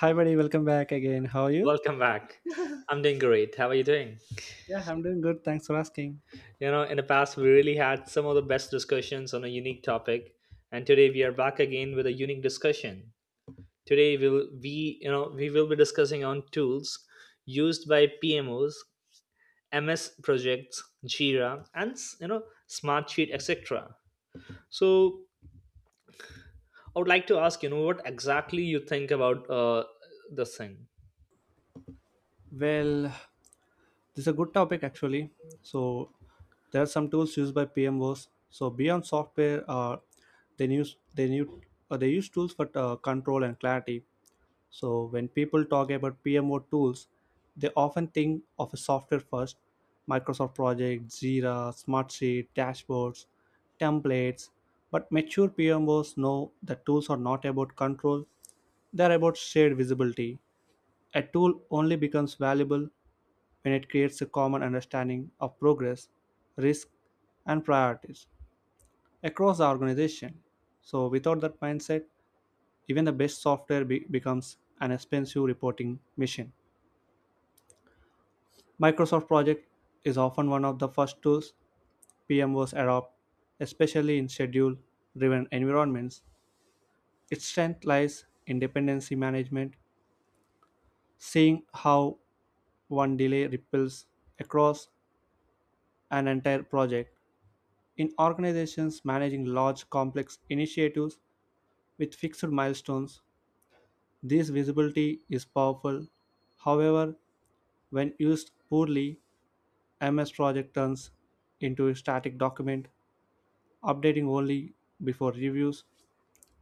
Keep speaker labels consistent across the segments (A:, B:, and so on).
A: Hi, buddy. Welcome back again. How are you?
B: Welcome back. I'm doing great. How are you doing?
A: Yeah, I'm doing good. Thanks for asking.
B: You know, in the past, we really had some of the best discussions on a unique topic, and today we are back again with a unique discussion. Today we'll we you know we will be discussing on tools used by PMOs, MS projects, Jira, and Smartsheet, etc. So I would like to ask what exactly you think about this thing.
A: Well, this is a good topic actually. So, there are some tools used by PMOs. So, beyond software, they use they new they use tools for control and clarity. So, when people talk about PMO tools, they often think of a software first: Microsoft Project, Jira, Smartsheet, dashboards, templates. But mature PMOs know that tools are not about control, they're about shared visibility. A tool only becomes valuable when it creates a common understanding of progress, risk, and priorities across the organization. So, without that mindset, even the best software becomes an expensive reporting machine. Microsoft Project is often one of the first tools PM PMOs adopt, especially in schedule driven environments. Its strength lies in dependency management, seeing how one delay ripples across an entire project. In organizations managing large complex initiatives with fixed milestones, this visibility is powerful. However, when used poorly, MS Project turns into a static document, updating only before reviews,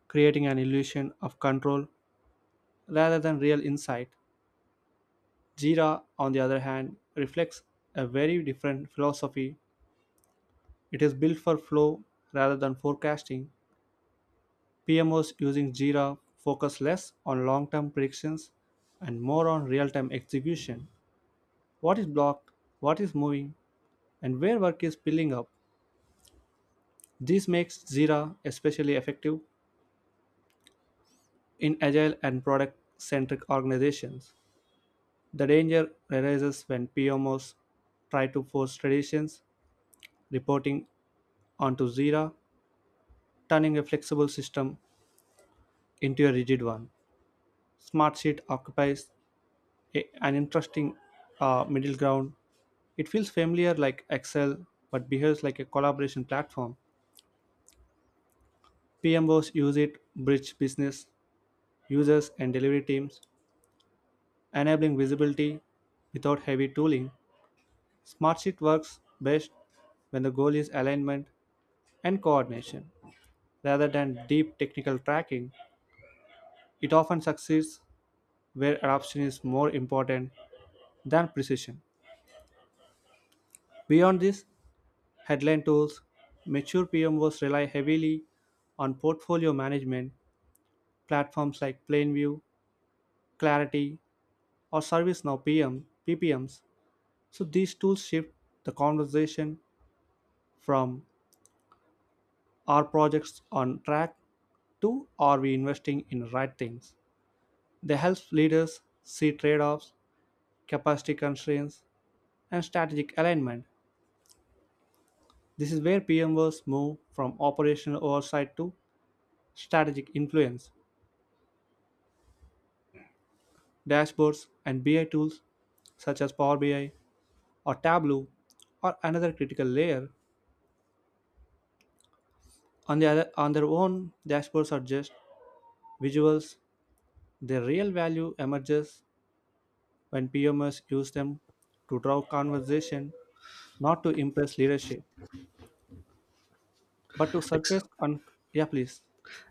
A: creating an illusion of control rather than real insight. Jira, on the other hand, reflects a very different philosophy. It is built for flow rather than forecasting. PMOs using Jira focus less on long term predictions and more on real time execution: what is blocked, what is moving, and where work is piling up. This makes Jira especially effective in agile and product centric organizations. The danger arises when PMOs try to force traditions reporting onto Jira, turning a flexible system into a rigid one. Smartsheet occupies an interesting middle ground. It feels familiar like Excel, but behaves like a collaboration platform. PMOs use it, bridge business, users, and delivery teams, enabling visibility without heavy tooling. Smartsheet works best when the goal is alignment and coordination rather than deep technical tracking. It often succeeds where adoption is more important than precision. Beyond this, headline tools, mature PMOs rely heavily on portfolio management platforms like Plainview, Clarity, or ServiceNow PM, PPMs. So these tools shift the conversation from, "Are projects on track?" to, "Are we investing in the right things?" They help leaders see trade offs, capacity constraints, and strategic alignment. This is where PMWs move from operational oversight to strategic influence. Dashboards and BI tools such as Power BI or Tableau are another critical layer. On, the other, on their own, dashboards are just visuals. Their real value emerges when PMS use them to drive conversation, not to impress leadership, but to
B: Ex-
A: surface. On Yeah, please.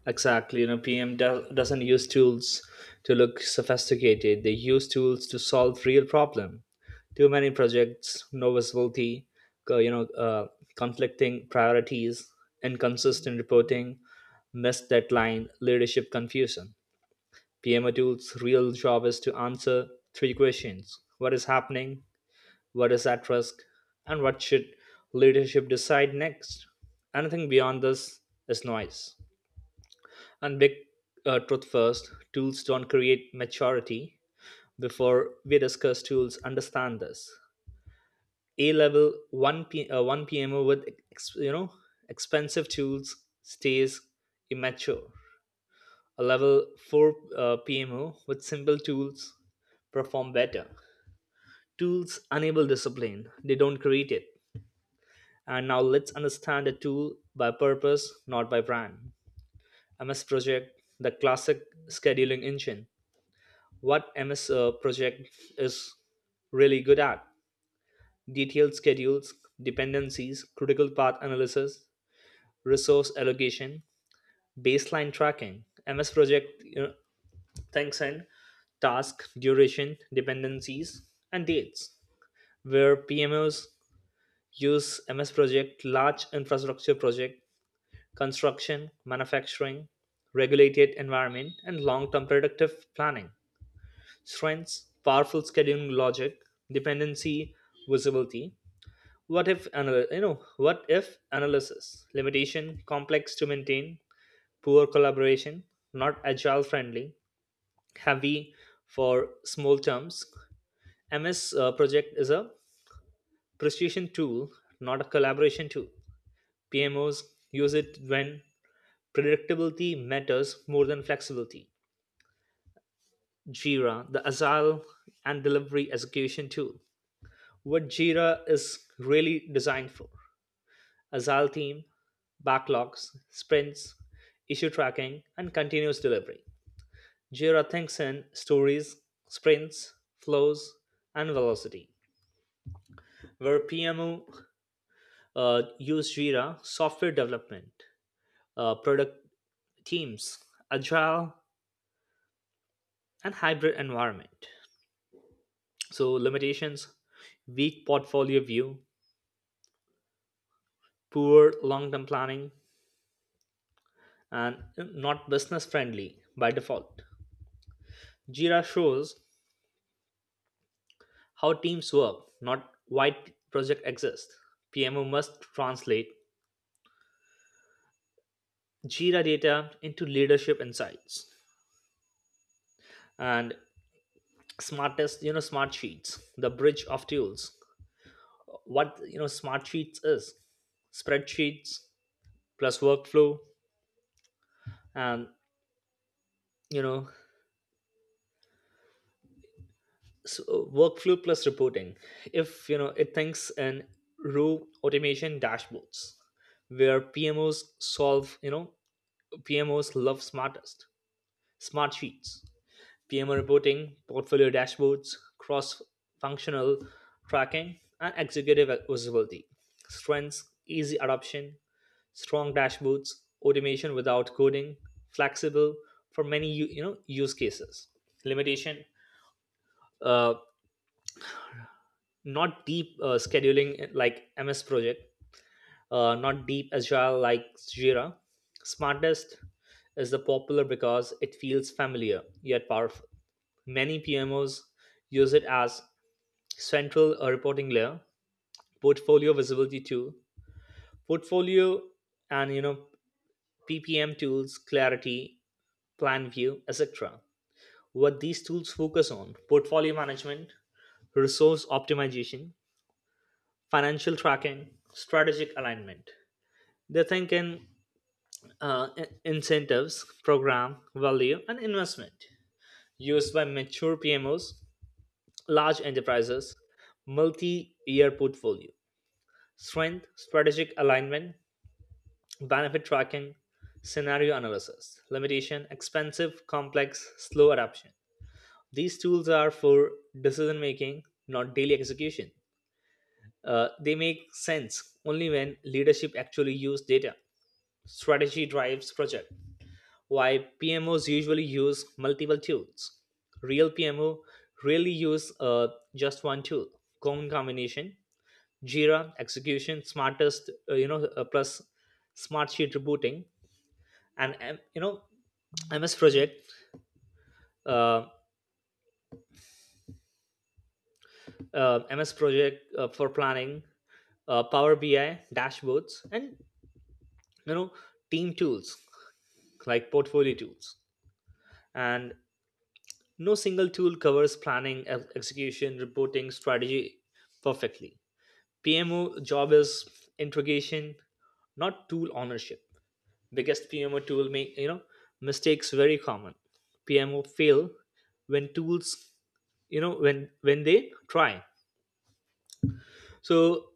B: Exactly. You know, PM doesn't use tools to look sophisticated. They use tools to solve real problem. Too many projects, no visibility, co- you know, uh, conflicting priorities, inconsistent reporting, missed deadline, leadership confusion. PMO tools' real job is to answer three questions: What is happening? What is at risk? And what should leadership decide next? Anything beyond this is noise. And big, truth first, tools don't create maturity. Before we discuss tools, understand this. A level 1 PMO with ex- you know expensive tools stays immature. A level 4 PMO with simple tools perform better. Tools enable discipline, they don't create it. And now let's understand a tool by purpose, not by brand. MS Project, the classic scheduling engine, what MS project is really good at. Detailed schedules, dependencies, critical path analysis, resource allocation, baseline tracking. MS project, thanks and task duration, dependencies, and dates. Where PMOs use MS project, large infrastructure project, construction, manufacturing, regulated environment, and long-term productive planning. Strengths: powerful scheduling logic, dependency visibility, what if analysis. Limitation: complex to maintain, poor collaboration, not agile friendly, heavy for small terms. MS project is a precision tool, not a collaboration tool. PMOs use it when predictability matters more than flexibility. Jira, the agile and delivery execution tool, what Jira is really designed for: agile team, backlogs, sprints, issue tracking, and continuous delivery. Jira thinks in stories, sprints, flows, and velocity. Where PMO use Jira: software development, product teams, agile, and hybrid environment. So limitations: weak portfolio view, poor long-term planning, and not business friendly by default. Jira shows how teams work, not why projects exist. PMO must translate Jira data into leadership insights. And smartest, smart sheets, the bridge of tools. What, smart sheets is spreadsheets plus workflow, and, you know workflow plus reporting. If, it thinks in row automation dashboards. Where PMOs solve, PMOs love smartest. Smart sheets: PMO reporting, portfolio dashboards, cross functional tracking, and executive visibility. Strengths: easy adoption, strong dashboards, automation without coding, flexible for many use cases. Limitation: uh, not deep scheduling like MS project, not deep agile like Jira. Smartest is the popular because it feels familiar yet powerful. Many PMOs use it as central reporting layer, portfolio visibility tool, portfolio and you know PPM tools, clarity, plan view, etc. What these tools focus on: portfolio management, resource optimization, financial tracking, strategic alignment. They think in incentives, program, value, and investment, used by mature PMOs, large enterprises, multi year portfolio. Strength: strategic alignment, benefit tracking, scenario analysis. Limitation: expensive, complex, slow adoption. These tools are for decision making, not daily execution. They make sense only when leadership actually use data. Strategy drives project. Why PMOs usually use multiple tools. Real PMO really use, just one tool. Cone combination: Jira execution, smartest plus smart sheet rebooting, and MS project, uh, uh, MS project uh, for planning, Power BI dashboards, and, you know team tools like portfolio tools. And no single tool covers planning, execution, reporting, strategy perfectly. PMO job is integration, not tool ownership. Biggest PMO tool make, mistakes very common. PMO fail when tools, when they try. So: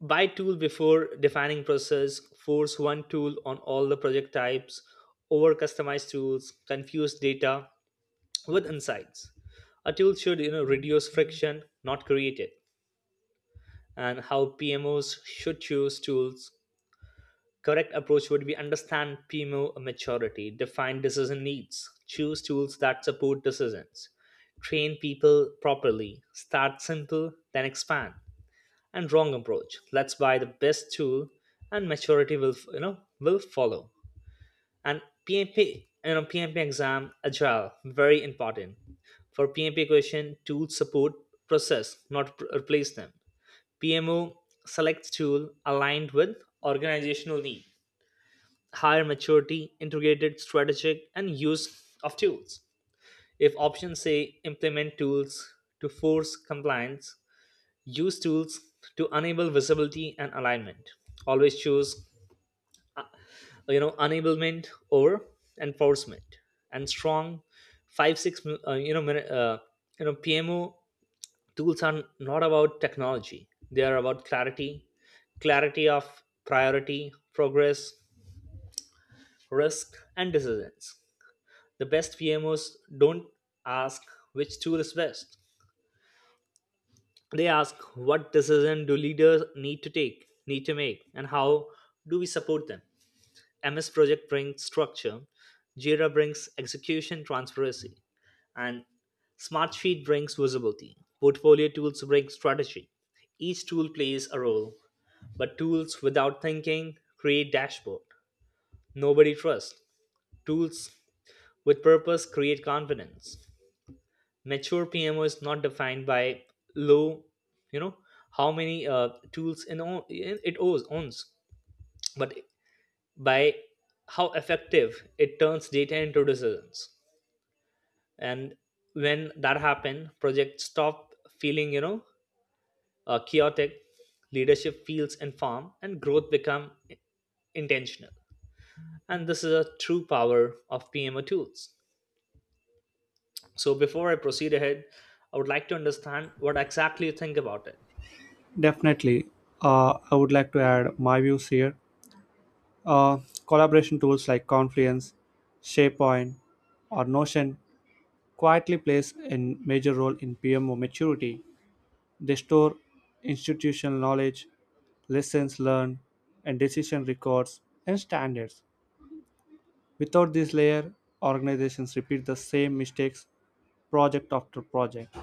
B: buy tool before defining process, force one tool on all the project types, over customized tools, confuse data with insights. A tool should, reduce friction, not create it. And how PMOs should choose tools. Correct approach would be: understand PMO maturity, define decision needs, choose tools that support decisions, train people properly, start simple, then expand. And wrong approach: let's buy the best tool and maturity will, will follow. And PMP exam agile, very important. For PMP question, tools support process, not replace them. PMO selects tool aligned with organizational need, higher maturity, integrated strategic, and use of tools. If options say implement tools to force compliance, use tools to enable visibility and alignment. Always choose, enablement over enforcement. And strong 5-6 PMO tools are not about technology. They are about clarity, clarity of priority, progress, risk, and decisions. The best PMOs don't ask which tool is best. They ask what decision do leaders need to take, need to make, and how do we support them. MS Project brings structure, Jira brings execution transparency, and Smartsheet brings visibility. Portfolio tools bring strategy. Each tool plays a role, but tools without thinking create dashboard. Nobody trusts. Tools with purpose create confidence. Mature PMO is not defined by low, you know, how many tools it owns, but by how effective it turns data into decisions. And when that happens, projects stop feeling chaotic. Leadership feels informed, and growth become intentional. And this is a true power of PMO tools. So before I proceed ahead, I would like to understand what exactly you think about it.
A: Definitely, I would like to add my views here. Uh, Collaboration tools like Confluence, SharePoint, or Notion quietly plays a major role in PMO maturity. They store institutional knowledge, lessons learned, and decision records and standards. Without this layer, organizations repeat the same mistakes project after project.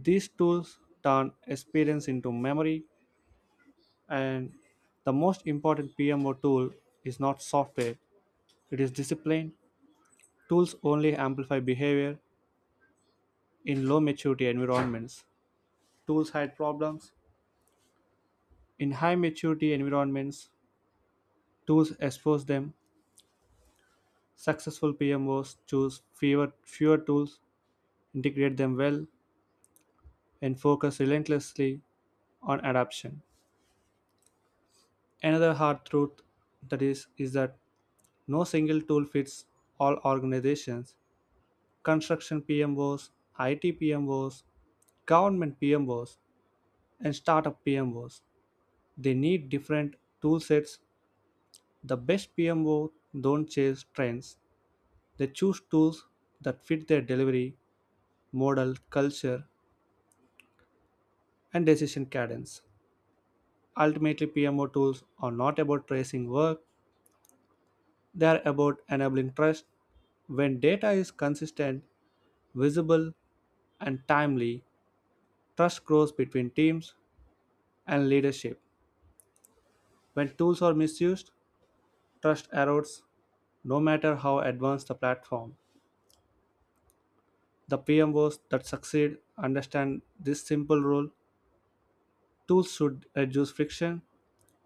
A: These tools turn experience into memory, and the most important PMO tool is not software, it is discipline. Tools only amplify behavior. In low maturity environments, tools hide problems. In high maturity environments, tools expose them. Successful PMOs choose fewer tools, integrate them well, and focus relentlessly on adoption. Another hard truth that is that no single tool fits all organizations. Construction PMOs, IT PMOs, government PMOs, and startup PMOs. They need different tool sets. The best PMO don't chase trends. They choose tools that fit their delivery, model, culture, and decision cadence. Ultimately, PMO tools are not about tracing work, they are about enabling trust. When data is consistent, visible, and timely, trust grows between teams and leadership. When tools are misused, trust erodes no matter how advanced the platform. The PMOs that succeed understand this simple rule: tools should reduce friction,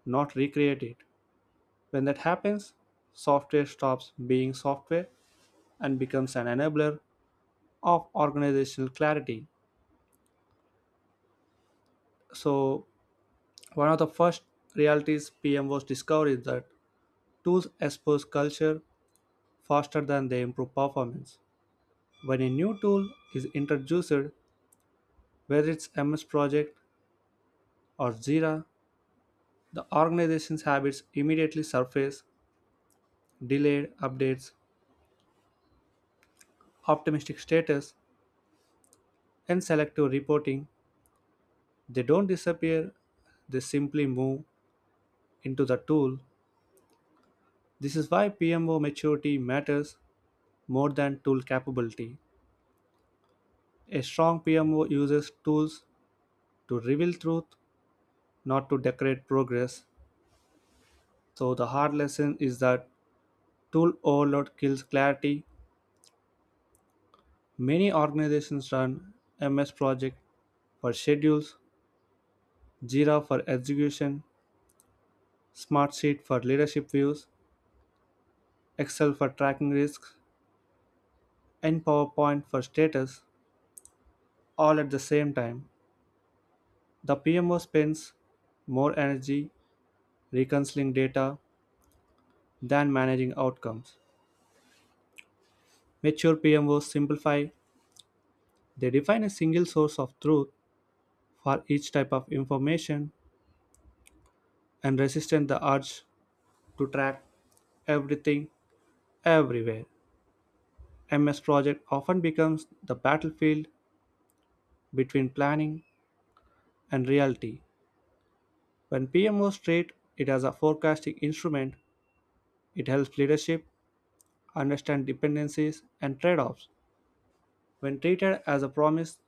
A: not recreate it. When that happens, software stops being software and becomes an enabler of organizational clarity. So, one of the first realities PMOs discovered is that tools expose culture faster than they improve performance. When a new tool is introduced, whether it's MS Project or Jira, the organization's habits immediately surface: delayed updates, optimistic status, and selective reporting. They don't disappear, they simply move into the tool. This is why PMO maturity matters more than tool capability. A strong PMO uses tools to reveal truth, not to decorate progress. So, the hard lesson is that tool overload kills clarity. Many organizations run MS Project for schedules, Jira for execution, Smartsheet for leadership views, Excel for tracking risks, and PowerPoint for status all at the same time. The PMO spends more energy reconciling data than managing outcomes. Mature PMOs simplify, they define a single source of truth for each type of information and resistant the urge to track everything everywhere. MS Project often becomes the battlefield between planning and reality. When PMOs treat it as a forecasting instrument, it helps leadership understand dependencies and trade-offs. When treated as a promise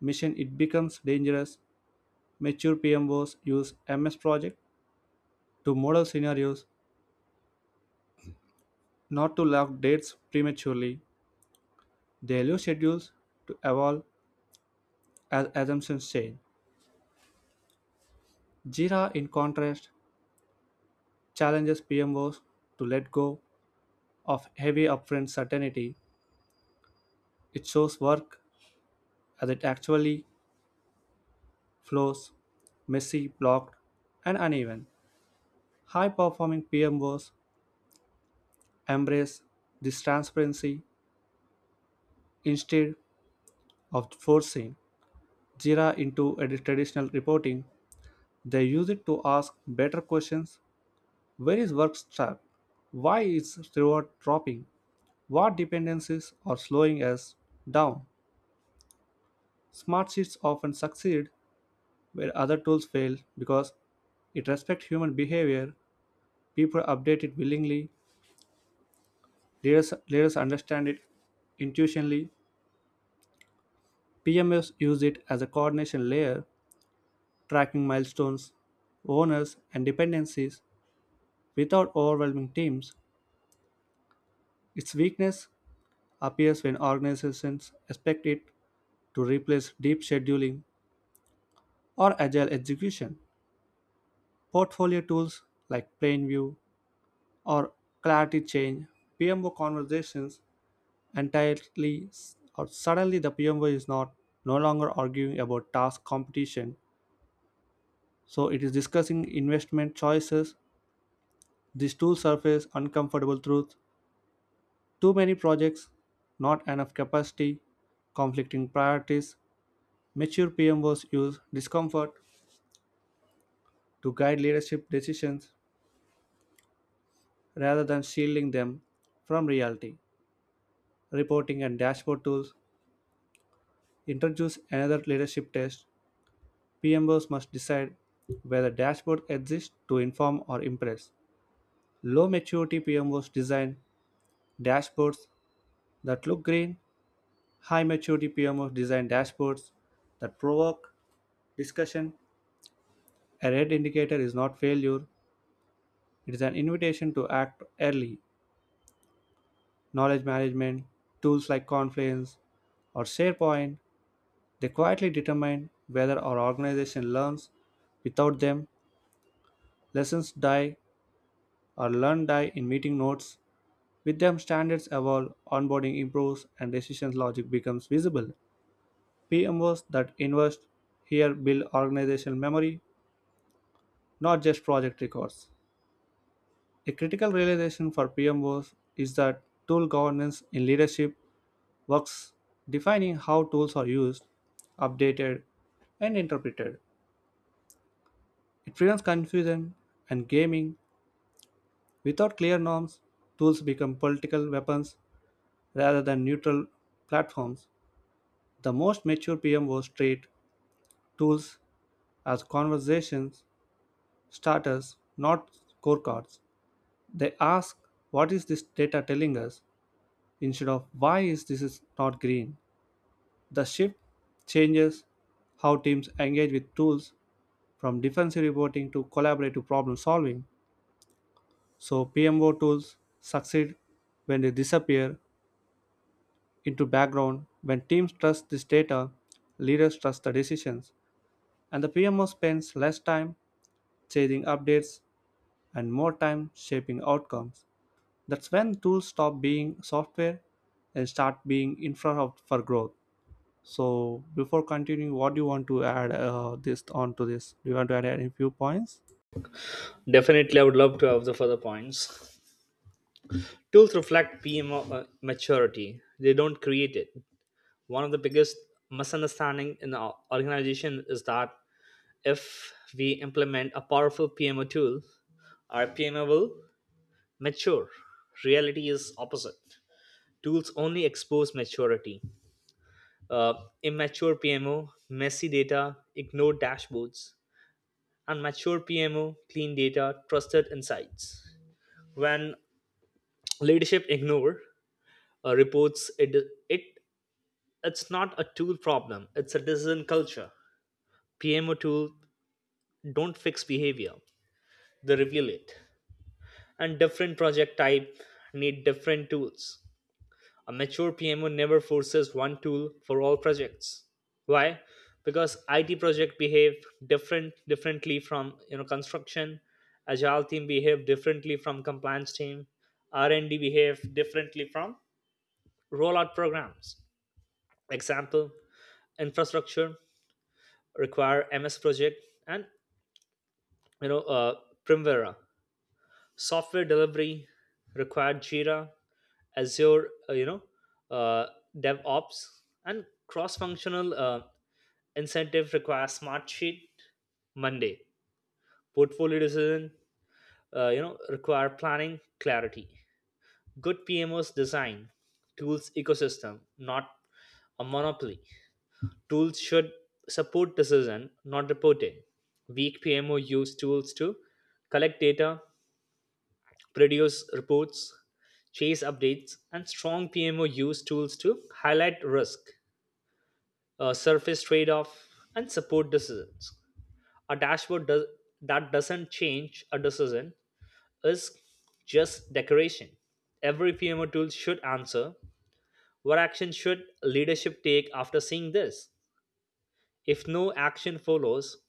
A: mission, it becomes dangerous. Mature PMOs use MS Project to model scenarios, not to lock dates prematurely. They allow schedules to evolve as assumptions change. Jira, in contrast, challenges PMOs to let go of heavy upfront certainty. It shows work as it actually flows: messy, blocked, and uneven. High performing PMOs embrace this transparency instead of forcing Jira into a traditional reporting. They use it to ask better questions. Where is work stuck? Why is reward dropping? What dependencies are slowing us down? Smart sheets often succeed where other tools fail because it respects human behavior. People update it willingly, leaders understand it intuitionally. PMS use it as a coordination layer, tracking milestones, owners, and dependencies without overwhelming teams. Its weakness appears when organizations expect it to replace deep scheduling or agile execution. Portfolio tools like Plainview or Clarity change PMO conversations entirely. Or suddenly the PMO is not no longer arguing about task competition, so it is discussing investment choices. These tools surface uncomfortable truths: too many projects, not enough capacity, conflicting priorities. Mature PMOs use discomfort to guide leadership decisions rather than shielding them from reality. Reporting and dashboard tools introduce another leadership test. PMOs must decide whether dashboards exist to inform or impress. Low maturity PMOs design dashboards that look green, high maturity PMOs design dashboards that provoke discussion. A red indicator is not failure, it is an invitation to act early. Knowledge management tools like Confluence or SharePoint, they quietly determine whether our organization learns. Without them, lessons die or learn die in meeting notes. With them, standards evolve, onboarding improves, and decision logic becomes visible. PMOs that invest here build organizational memory, not just project records. A critical realization for PMOs is that tool governance in leadership works defining how tools are used, updated, and interpreted. It prevents confusion and gaming. Without clear norms, tools become political weapons rather than neutral platforms. The most mature PMOs treat tools as conversations starters, not scorecards. They ask, "What is this data telling us?" instead of, "Why is this is not green?" The shift changes how teams engage with tools, from defensive reporting to collaborative problem solving. So, PMO tools succeed when they disappear into background, when teams trust this data, leaders trust the decisions, and the PMO spends less time chasing updates and more time shaping outcomes. That's when tools stop being software and start being infra for growth. So, before continuing, what do you want to add this onto this? Do you want to add any few points?
B: Definitely, I would love to have the further points. Tools reflect PMO maturity, they don't create it. One of the biggest misunderstanding in the organization is that if we implement a powerful PMO tool, our PMO will mature. Reality is opposite. Tools only expose maturity. Uh, immature PMO, messy data, ignored dashboards, and mature PMO, clean data, trusted insights. When leadership ignore reports, it it's not a tool problem, it's a decision culture. PMO tool don't fix behavior, they reveal it. And different project type need different tools. A mature PMO never forces one tool for all projects. Why? Because it project behave differently from, construction. Agile team behave differently from compliance team. R&D behave differently from rollout programs. Example: infrastructure require MS project and, you know uh, primavera. Software delivery required Jira, azure, uh, devops. And cross functional incentive require SmartSheet, monday. Portfolio decision, require planning clarity. Good PMOs design tools ecosystem, not a monopoly. Tools should support decision, not reporting. Weak PMO use tools to collect data, produce reports, chase updates, and strong PMO use tools to highlight risk, surface trade off, and support decisions. A dashboard does, that doesn't change a decision, is just decoration. Every PMO tool should answer: what action should leadership take after seeing this? If no action follows,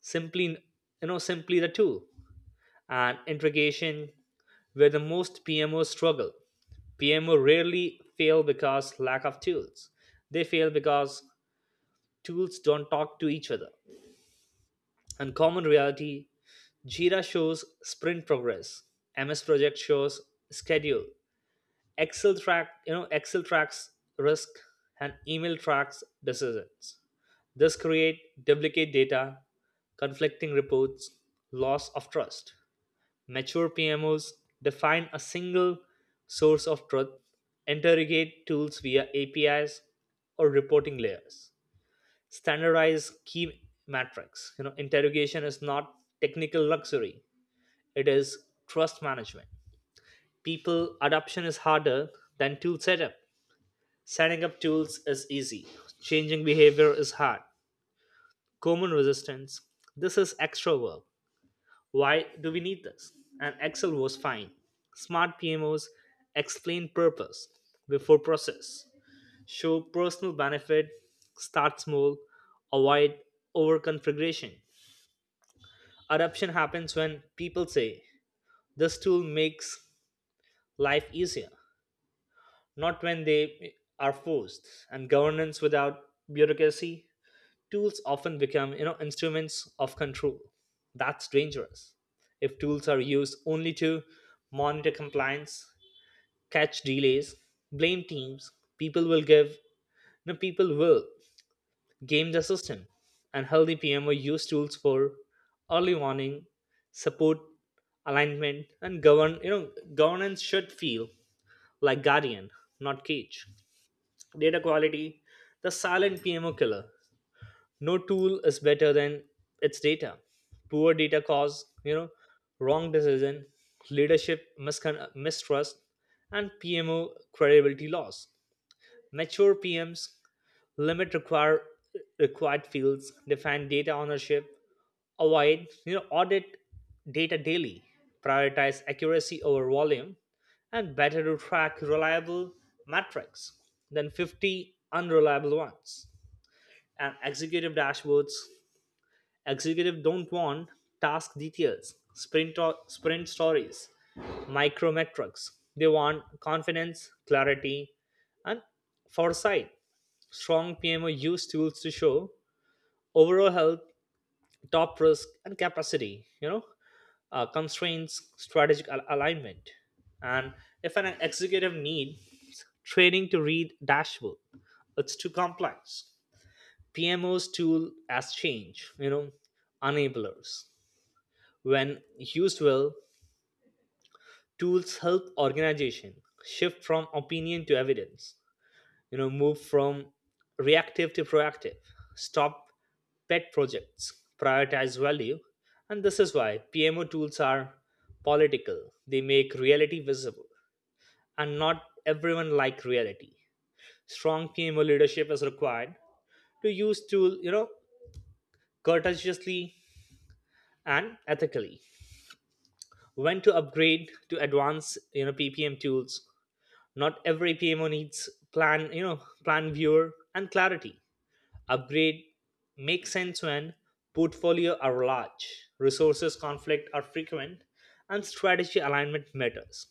B: simply, the tool. And integration, where the most PMOs struggle. PMO rarely fail because lack of tools, they fail because tools don't talk to each other. Uncommon reality: Jira shows sprint progress, MS project shows schedule, excel tracks risk, and email tracks decisions. This create duplicate data, conflicting reports, loss of trust. Mature PMOs define a single source of truth, interrogate tools via APIs or reporting layers, standardize key metrics. You know, interrogation is not technical luxury, it is trust management. People adoption is harder than tool setup. Setting up tools is easy. Changing behavior is hard. Common resistance: this is extra work. Why do we need this? And Excel was fine. Smart PMOs explain purpose before process, show personal benefit, start small, avoid overconfiguration. Adoption happens when people say, this tool makes life easier, not when they are forced. And governance without bureaucracy, tools often become, instruments of control. That's dangerous. If tools are used only to monitor compliance, catch delays, blame teams, people will know, people will game the system. And healthy PMO use tools for early warning, support, alignment, and governance should feel like guardian, not cage. Data quality, the silent PMO killer. No tool is better than its data. Poor data cause, wrong decision, leadership mistrust, and PMO credibility loss. Mature PMs limit required fields, define data ownership, avoid, audit data daily, prioritize accuracy over volume. And better to track reliable metrics than 50 unreliable ones. And executive dashboards. Executives don't want task details, sprint stories, micro metrics. They want confidence, clarity, and foresight. Strong PMO use tools to show overall health, top risk, and capacity. Constraints, strategic alignment. And if an executive needs training to read dashboard, it's too complex. PMO's tool as change, enablers. When used well, tools help organization shift from opinion to evidence. Move from reactive to proactive, stop pet projects, prioritize value. And this is why PMO tools are political. They make reality visible, and not everyone like reality. Strong PMO leadership is required to use tool, courteously and ethically. When to upgrade to advanced, PPM tools. Not every PMO needs plan viewer and clarity. Upgrade makes sense when portfolio are large, resources conflict are frequent, and strategy alignment matters.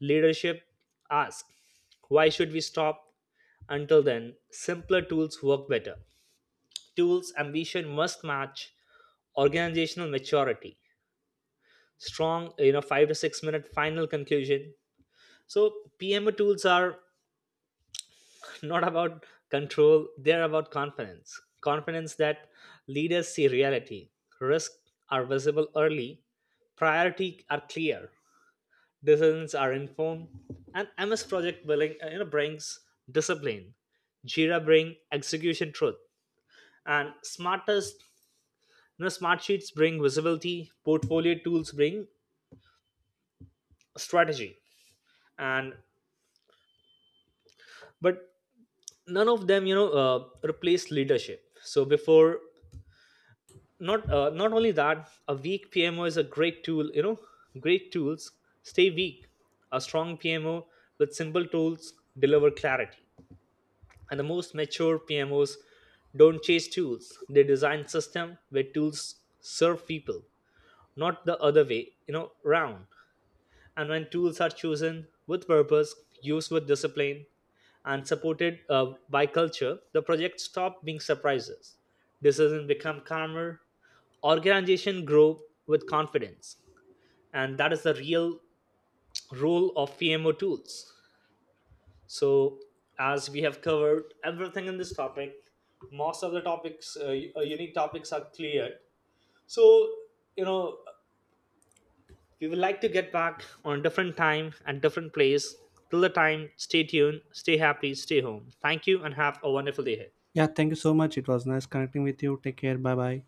B: Leadership asks, why should we stop? Until then, simpler tools work better. Tools ambition must match organizational maturity. Strong, 5-6 minute final conclusion. So PMO tools are not about control, they're about confidence. Confidence that leaders see reality, risks are visible early, priority are clear, decisions are informed. And MS project billing you know brings discipline, Jira bring execution truth, and smartest, smart sheets bring visibility. Portfolio tools bring strategy. And, but, none of them, replace leadership. So before, not only that, a weak PMO is a great tool, great tools stay weak. A strong PMO with simple tools deliver clarity. And the most mature PMOs don't chase tools, they design system where tools serve people, not the other way, round. And when tools are chosen with purpose, used with discipline, and supported by culture, the project stop being surprises. Decisions become calmer, organization grow with confidence, and that is the real role of PMO tools. So, as we have covered everything in this topic, most of the topics, unique topics are cleared. So, you know, we would like to get back on a different time and different place. Till the time, stay tuned, stay happy, stay home. Thank you and have a wonderful day ahead.
A: Yeah, thank you so much. It was nice connecting with you. Take care. Bye bye.